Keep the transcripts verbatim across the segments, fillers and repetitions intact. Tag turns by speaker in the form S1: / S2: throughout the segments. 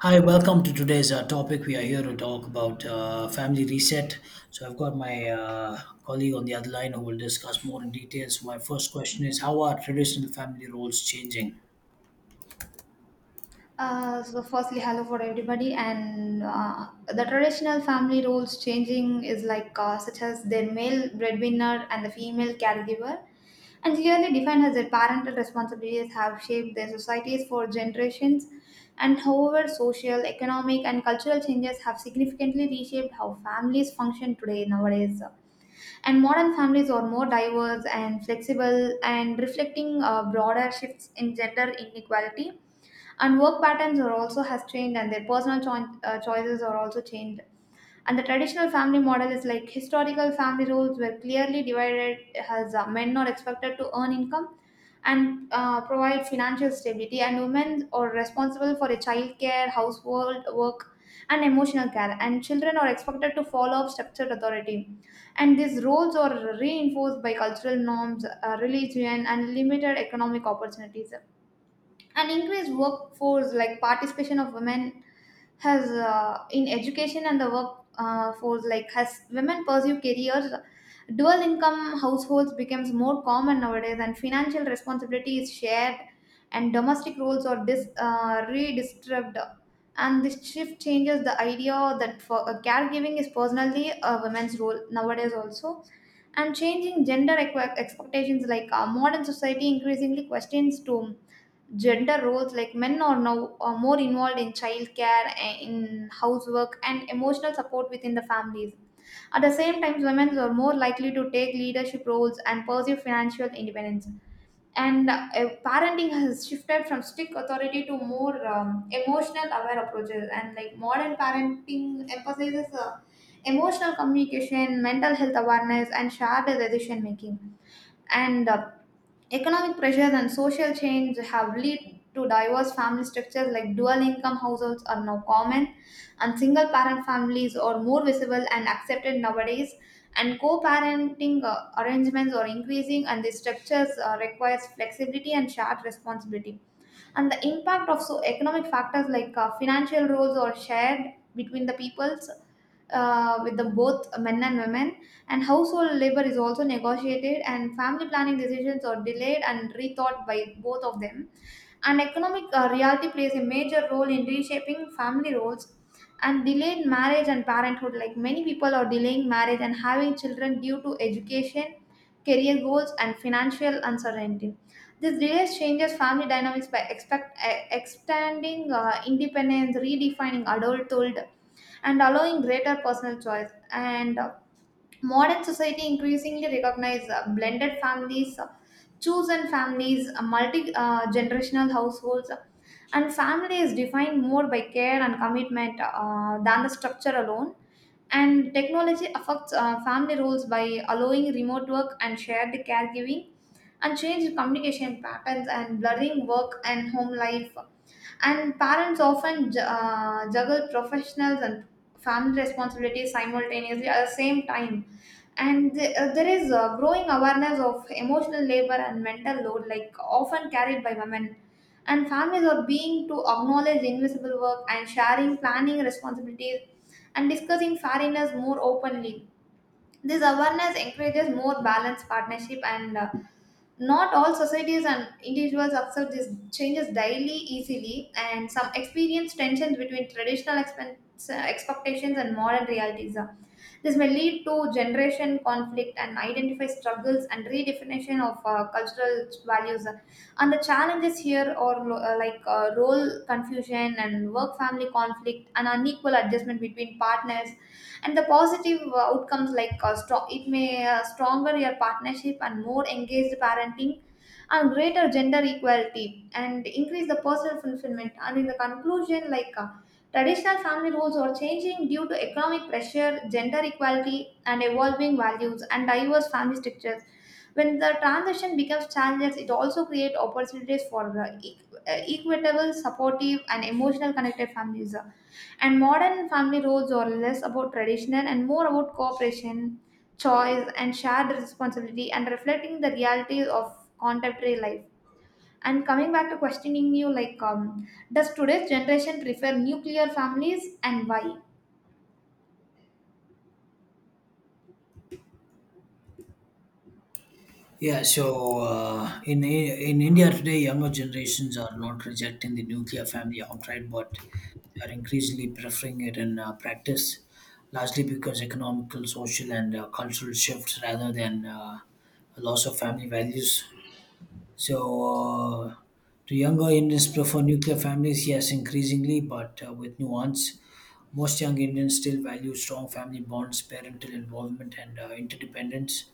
S1: Hi, welcome to today's uh, topic. We are here to talk about uh, family reset. So I've got my uh, colleague on the other line who will discuss more in detail. So my first question is, how are traditional family roles changing?
S2: Uh, so firstly, hello for everybody, and uh, the traditional family roles changing is like uh, such as their male breadwinner and the female caregiver, and clearly defined as their parental responsibilities have shaped their societies for generations. And however, social, economic, and cultural changes have significantly reshaped how families function today nowadays. And modern families are more diverse and flexible, and reflecting uh, broader shifts in gender inequality, and work patterns are also has changed, and their personal choi- uh, choices are also changed. And the traditional family model is like historical family roles were clearly divided as uh, men are expected to earn income and uh, provide financial stability, and women are responsible for a child care household work and emotional care, and children are expected to follow up structured authority, and these roles are reinforced by cultural norms, uh, religion, and limited economic opportunities. An increased workforce like participation of women has uh, in education and the work uh, force, like has women pursue careers. Dual income households becomes more common nowadays, and financial responsibility is shared, and domestic roles are dis, uh, redistributed, and this shift changes the idea that for uh, caregiving is personally a woman's role nowadays also. And changing gender equi- expectations like uh, modern society increasingly questions to gender roles like men are now are more involved in childcare a- in housework and emotional support within the families. At the same time, women are more likely to take leadership roles and pursue financial independence, and uh, parenting has shifted from strict authority to more um, emotional aware approaches, and like modern parenting emphasizes uh, emotional communication, mental health awareness, and shared decision making. And uh, Economic pressures and social change have led to diverse family structures like dual income households are now common, and single parent families are more visible and accepted nowadays, and co-parenting uh, arrangements are increasing, and the structures uh, requires flexibility and shared responsibility. And the impact of so economic factors like uh, financial roles are shared between the peoples uh, with the both men and women, and household labor is also negotiated, and family planning decisions are delayed and rethought by both of them, and economic uh, reality plays a major role in reshaping family roles, and delayed marriage and parenthood. Like many people are delaying marriage and having children due to education, career goals, and financial uncertainty. This delays changes family dynamics by expect, uh, extending uh, independence, redefining adulthood, and allowing greater personal choice. And uh, Modern society increasingly recognize uh, blended families, uh, chosen families, multi-generational households, and family is defined more by care and commitment uh, than the structure alone. And technology affects uh, family roles by allowing remote work and shared caregiving, and change communication patterns, and blurring work and home life, and parents often ju- uh, juggle professionals and family responsibilities simultaneously at the same time. And th- uh, there is a growing awareness of emotional labor and mental load like often carried by women, and families are being to acknowledge invisible work and sharing planning responsibilities and discussing fairness more openly. This awareness encourages more balanced partnership, and uh, not all societies and individuals accept these changes daily easily. And some experience tensions between traditional expense, uh, expectations and modern realities. Uh, This may lead to generation conflict and identify struggles and redefinition of uh, cultural values. uh. And the challenges here are lo- uh, like uh, role confusion and work family conflict and unequal adjustment between partners, and the positive uh, outcomes like uh, strong, it may uh, stronger your partnership and more engaged parenting and greater gender equality and increase the personal fulfillment. And in the conclusion, like uh, traditional family roles are changing due to economic pressure, gender equality, and evolving values, and diverse family structures. When the transition becomes challenges, it also creates opportunities for uh, equ- uh, equitable, supportive, and emotional connected families, and modern family roles are less about traditional and more about cooperation, choice, and shared responsibility, and reflecting the realities of contemporary life. And coming back to questioning you, like, um, does today's generation prefer nuclear families and why?
S1: Yeah, so uh, in in India today, younger generations are not rejecting the nuclear family outright, but they are increasingly preferring it in uh, practice, largely because economical, social, and uh, cultural shifts rather than uh, a loss of family values. So, uh, do younger Indians prefer nuclear families? Yes, increasingly, but uh, with nuance. Most young Indians still value strong family bonds, parental involvement, and uh, interdependence.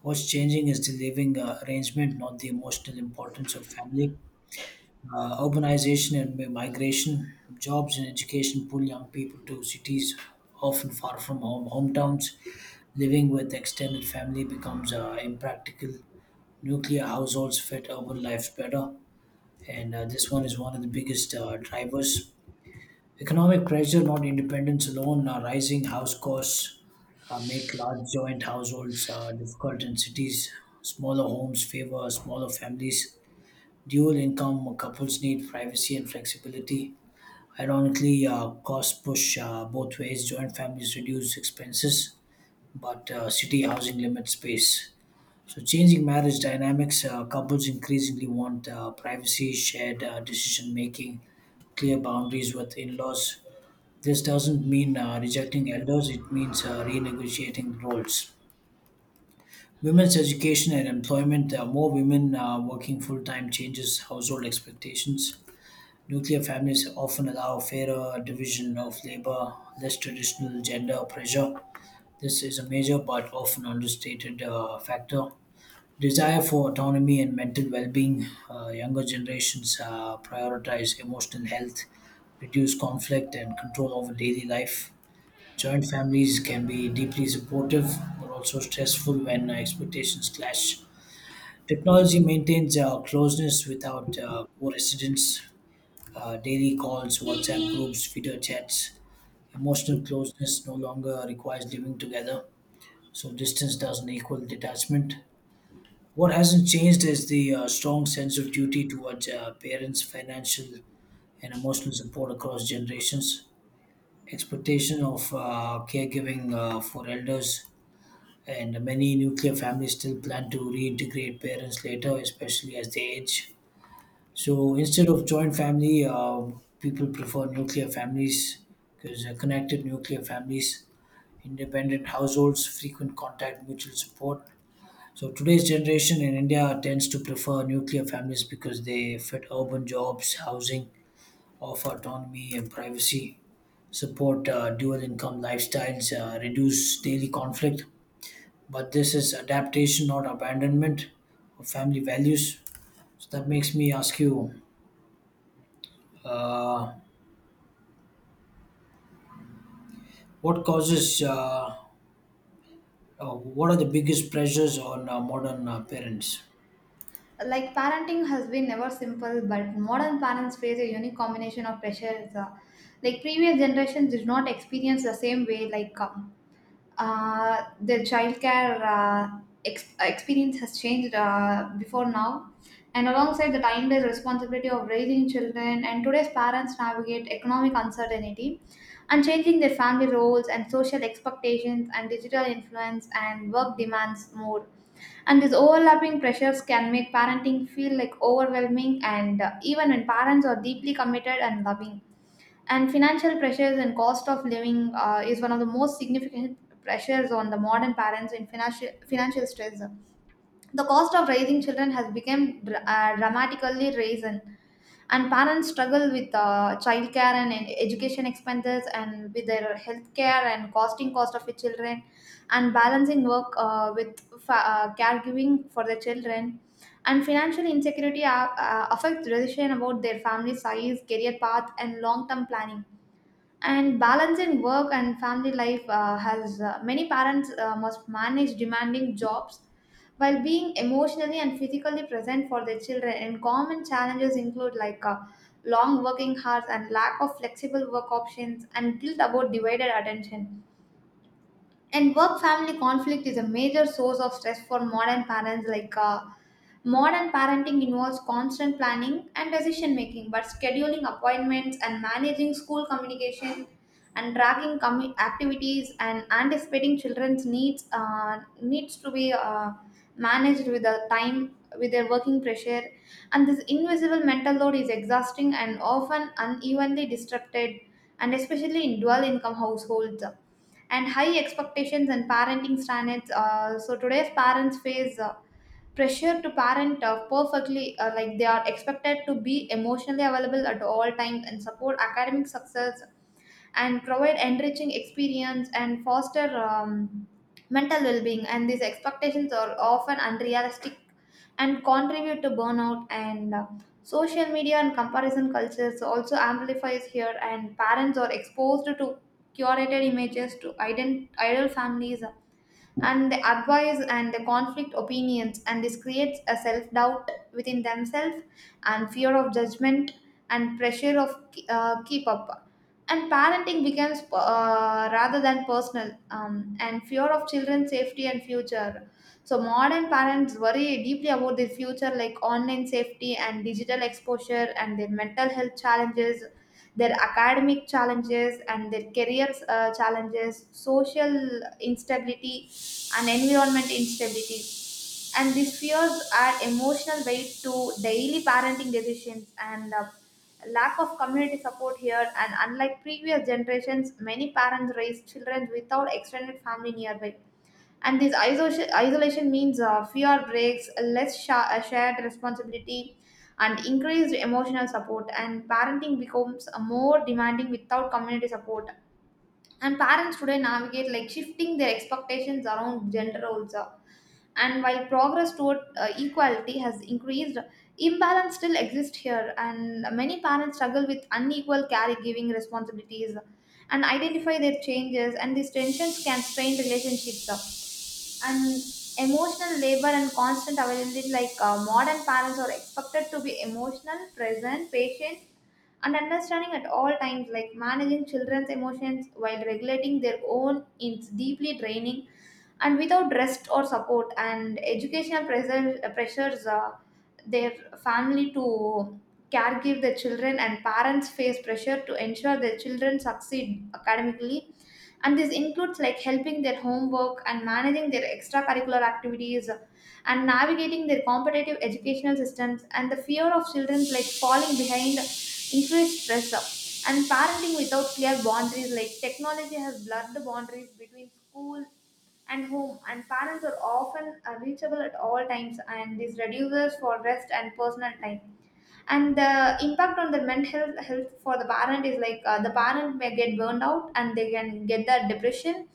S1: What's changing is the living uh, arrangement, not the emotional importance of family. Uh, urbanization and migration, jobs and education pull young people to cities, often far from home, hometowns. Living with extended family becomes uh, impractical. Nuclear households fit urban lives better, and uh, this one is one of the biggest uh, drivers. Economic pressure, not independence alone, uh, rising house costs uh, make large joint households uh, difficult in cities. Smaller homes favor smaller families. Dual income couples need privacy and flexibility. Ironically, uh, costs push uh, both ways. Joint families reduce expenses, but uh, city housing limits space. So, changing marriage dynamics, uh, couples increasingly want uh, privacy, shared uh, decision making, clear boundaries with in laws. This doesn't mean uh, rejecting elders, it means uh, renegotiating roles. Women's education and employment, uh, more women uh, working full time changes household expectations. Nuclear families often allow fairer division of labor, less traditional gender pressure. This is a major but often understated uh, factor. Desire for autonomy and mental well being. Uh, younger generations uh, prioritize emotional health, reduce conflict, and control over daily life. Joint families can be deeply supportive but also stressful when uh, expectations clash. Technology maintains uh, closeness without uh, co residence, uh, daily calls, WhatsApp groups, video chats. Emotional closeness no longer requires living together, so distance doesn't equal detachment. What hasn't changed is the uh, strong sense of duty towards uh, parents, financial and emotional support across generations, expectation of uh, caregiving uh, for elders, and many nuclear families still plan to reintegrate parents later, especially as they age. So instead of joint family, uh, people prefer nuclear families because uh, connected nuclear families, independent households, frequent contact, mutual support. So today's generation in India tends to prefer nuclear families because they fit urban jobs, housing, offer autonomy and privacy, support uh, dual income lifestyles, uh, reduce daily conflict. But this is adaptation, not abandonment of family values. So that makes me ask you, what causes, uh, uh, what are the biggest pressures on uh, modern uh, parents?
S2: Like parenting has been never simple, but modern parents face a unique combination of pressures. Uh, like previous generations did not experience the same way. Like uh, uh, the childcare uh, ex- experience has changed uh, before now, and alongside the timeless responsibility of raising children, and today's parents navigate economic uncertainty and changing their family roles and social expectations and digital influence and work demands more. And these overlapping pressures can make parenting feel like overwhelming, and uh, even when parents are deeply committed and loving. And financial pressures and cost of living uh, is one of the most significant pressures on the modern parents in financial financial stress. The cost of raising children has become dr- uh, dramatically risen, and parents struggle with uh, child care and ed- education expenses, and with their healthcare and costing cost of the children, and balancing work uh, with fa- uh, caregiving for the children. And financial insecurity uh, uh, affects decision about their family size, career path, and long-term planning, and balancing work and family life uh, has uh, many parents uh, must manage demanding jobs while being emotionally and physically present for their children, and common challenges include like uh, long working hours and lack of flexible work options and guilt about divided attention, and work family conflict is a major source of stress for modern parents like uh, modern parenting involves constant planning and decision making but scheduling appointments and managing school communication and tracking commu- activities and anticipating children's needs uh, needs to be uh, managed with the time with their working pressure, and this invisible mental load is exhausting and often unevenly distributed and especially in dual income households, and high expectations and parenting standards. Uh, so today's parents face uh, pressure to parent uh, perfectly, uh, like they are expected to be emotionally available at all times and support academic success and provide enriching experience and foster um, mental well-being, and these expectations are often unrealistic and contribute to burnout, and uh, social media and comparison cultures also amplifies here, and parents are exposed to curated images to ident- idle families, uh, and the advice and the conflict opinions, and this creates a self-doubt within themselves and fear of judgment and pressure of uh, keep up, and parenting becomes uh, rather than personal, um, and fear of children's safety and future. So modern parents worry deeply about their future like online safety and digital exposure and their mental health challenges, their academic challenges and their career uh, challenges, social instability, and environment instability. And these fears add emotional weight to daily parenting decisions, and uh, lack of community support here. And unlike previous generations, many parents raise children without extended family nearby, and this isolation, isolation means uh, fewer breaks, less sha- uh, shared responsibility and increased emotional support, and parenting becomes a more demanding without community support, and parents today navigate like shifting their expectations around gender roles, uh, and while progress toward uh, equality has increased, imbalance still exists here, and many parents struggle with unequal caregiving responsibilities and identify their changes, and these tensions can strain relationships up. And emotional labor and constant availability like uh, modern parents are expected to be emotional present patient and understanding at all times like managing children's emotions while regulating their own is deeply draining and without rest or support, and educational pressure, pressures uh, their family to care give their children, and parents face pressure to ensure their children succeed academically, and this includes like helping their homework and managing their extracurricular activities and navigating their competitive educational systems, and the fear of children like falling behind increased stress up. And parenting without clear boundaries, like technology has blurred the boundaries between school and home, and parents are often uh, reachable at all times, and this reduces for rest and personal time, and the impact on the mental health, health for the parent is like uh, the parent may get burned out and they can get the depression,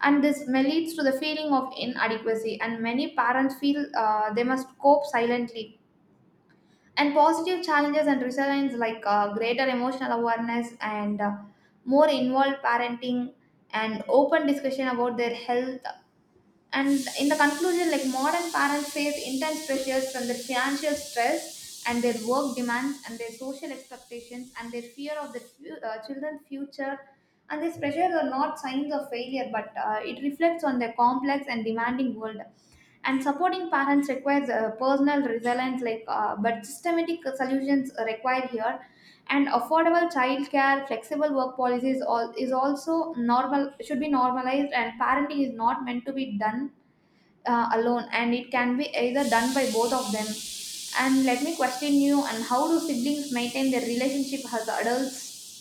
S2: and this may leads to the feeling of inadequacy, and many parents feel uh, they must cope silently, and positive challenges and resilience like uh, greater emotional awareness, and uh, more involved parenting and open discussion about their health. And in the conclusion, like modern parents face intense pressures from their financial stress and their work demands and their social expectations and their fear of the fu- uh, children's future. And these pressures are not signs of failure, but uh, it reflects on their complex and demanding world. And supporting parents requires uh, personal resilience, like uh, but systematic solutions are required here. And affordable childcare, flexible work policies, all is also normal should be normalized. And parenting is not meant to be done uh, alone, and it can be either done by both of them. And let me question you, and how do siblings maintain their relationship as adults?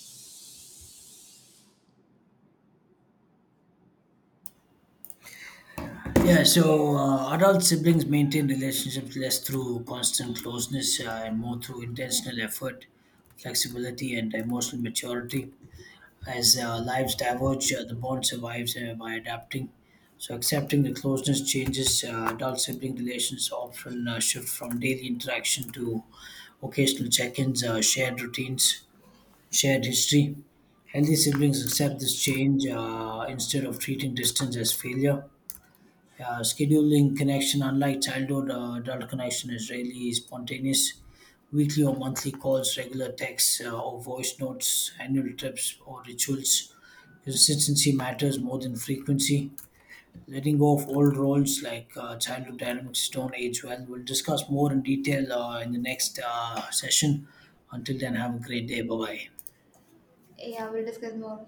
S1: Yeah, so uh, adult siblings maintain relationships less through constant closeness uh, and more through intentional effort, flexibility, and emotional maturity. As uh, lives diverge, uh, the bond survives uh, by adapting. So, accepting the closeness changes, uh, adult sibling relations often uh, shift from daily interaction to occasional check ins, uh, shared routines, shared history. Healthy siblings accept this change uh, instead of treating distance as failure. Uh, scheduling connection, unlike childhood, uh, adult connection is really spontaneous. Weekly or monthly calls, regular texts uh, or voice notes, annual trips or rituals. Consistency matters more than frequency. Letting go of old roles, like uh, childhood dynamics don't age well. We'll discuss more in detail uh, in the next uh, session. Until then, have a great day. Bye bye.
S2: Yeah, we'll discuss more.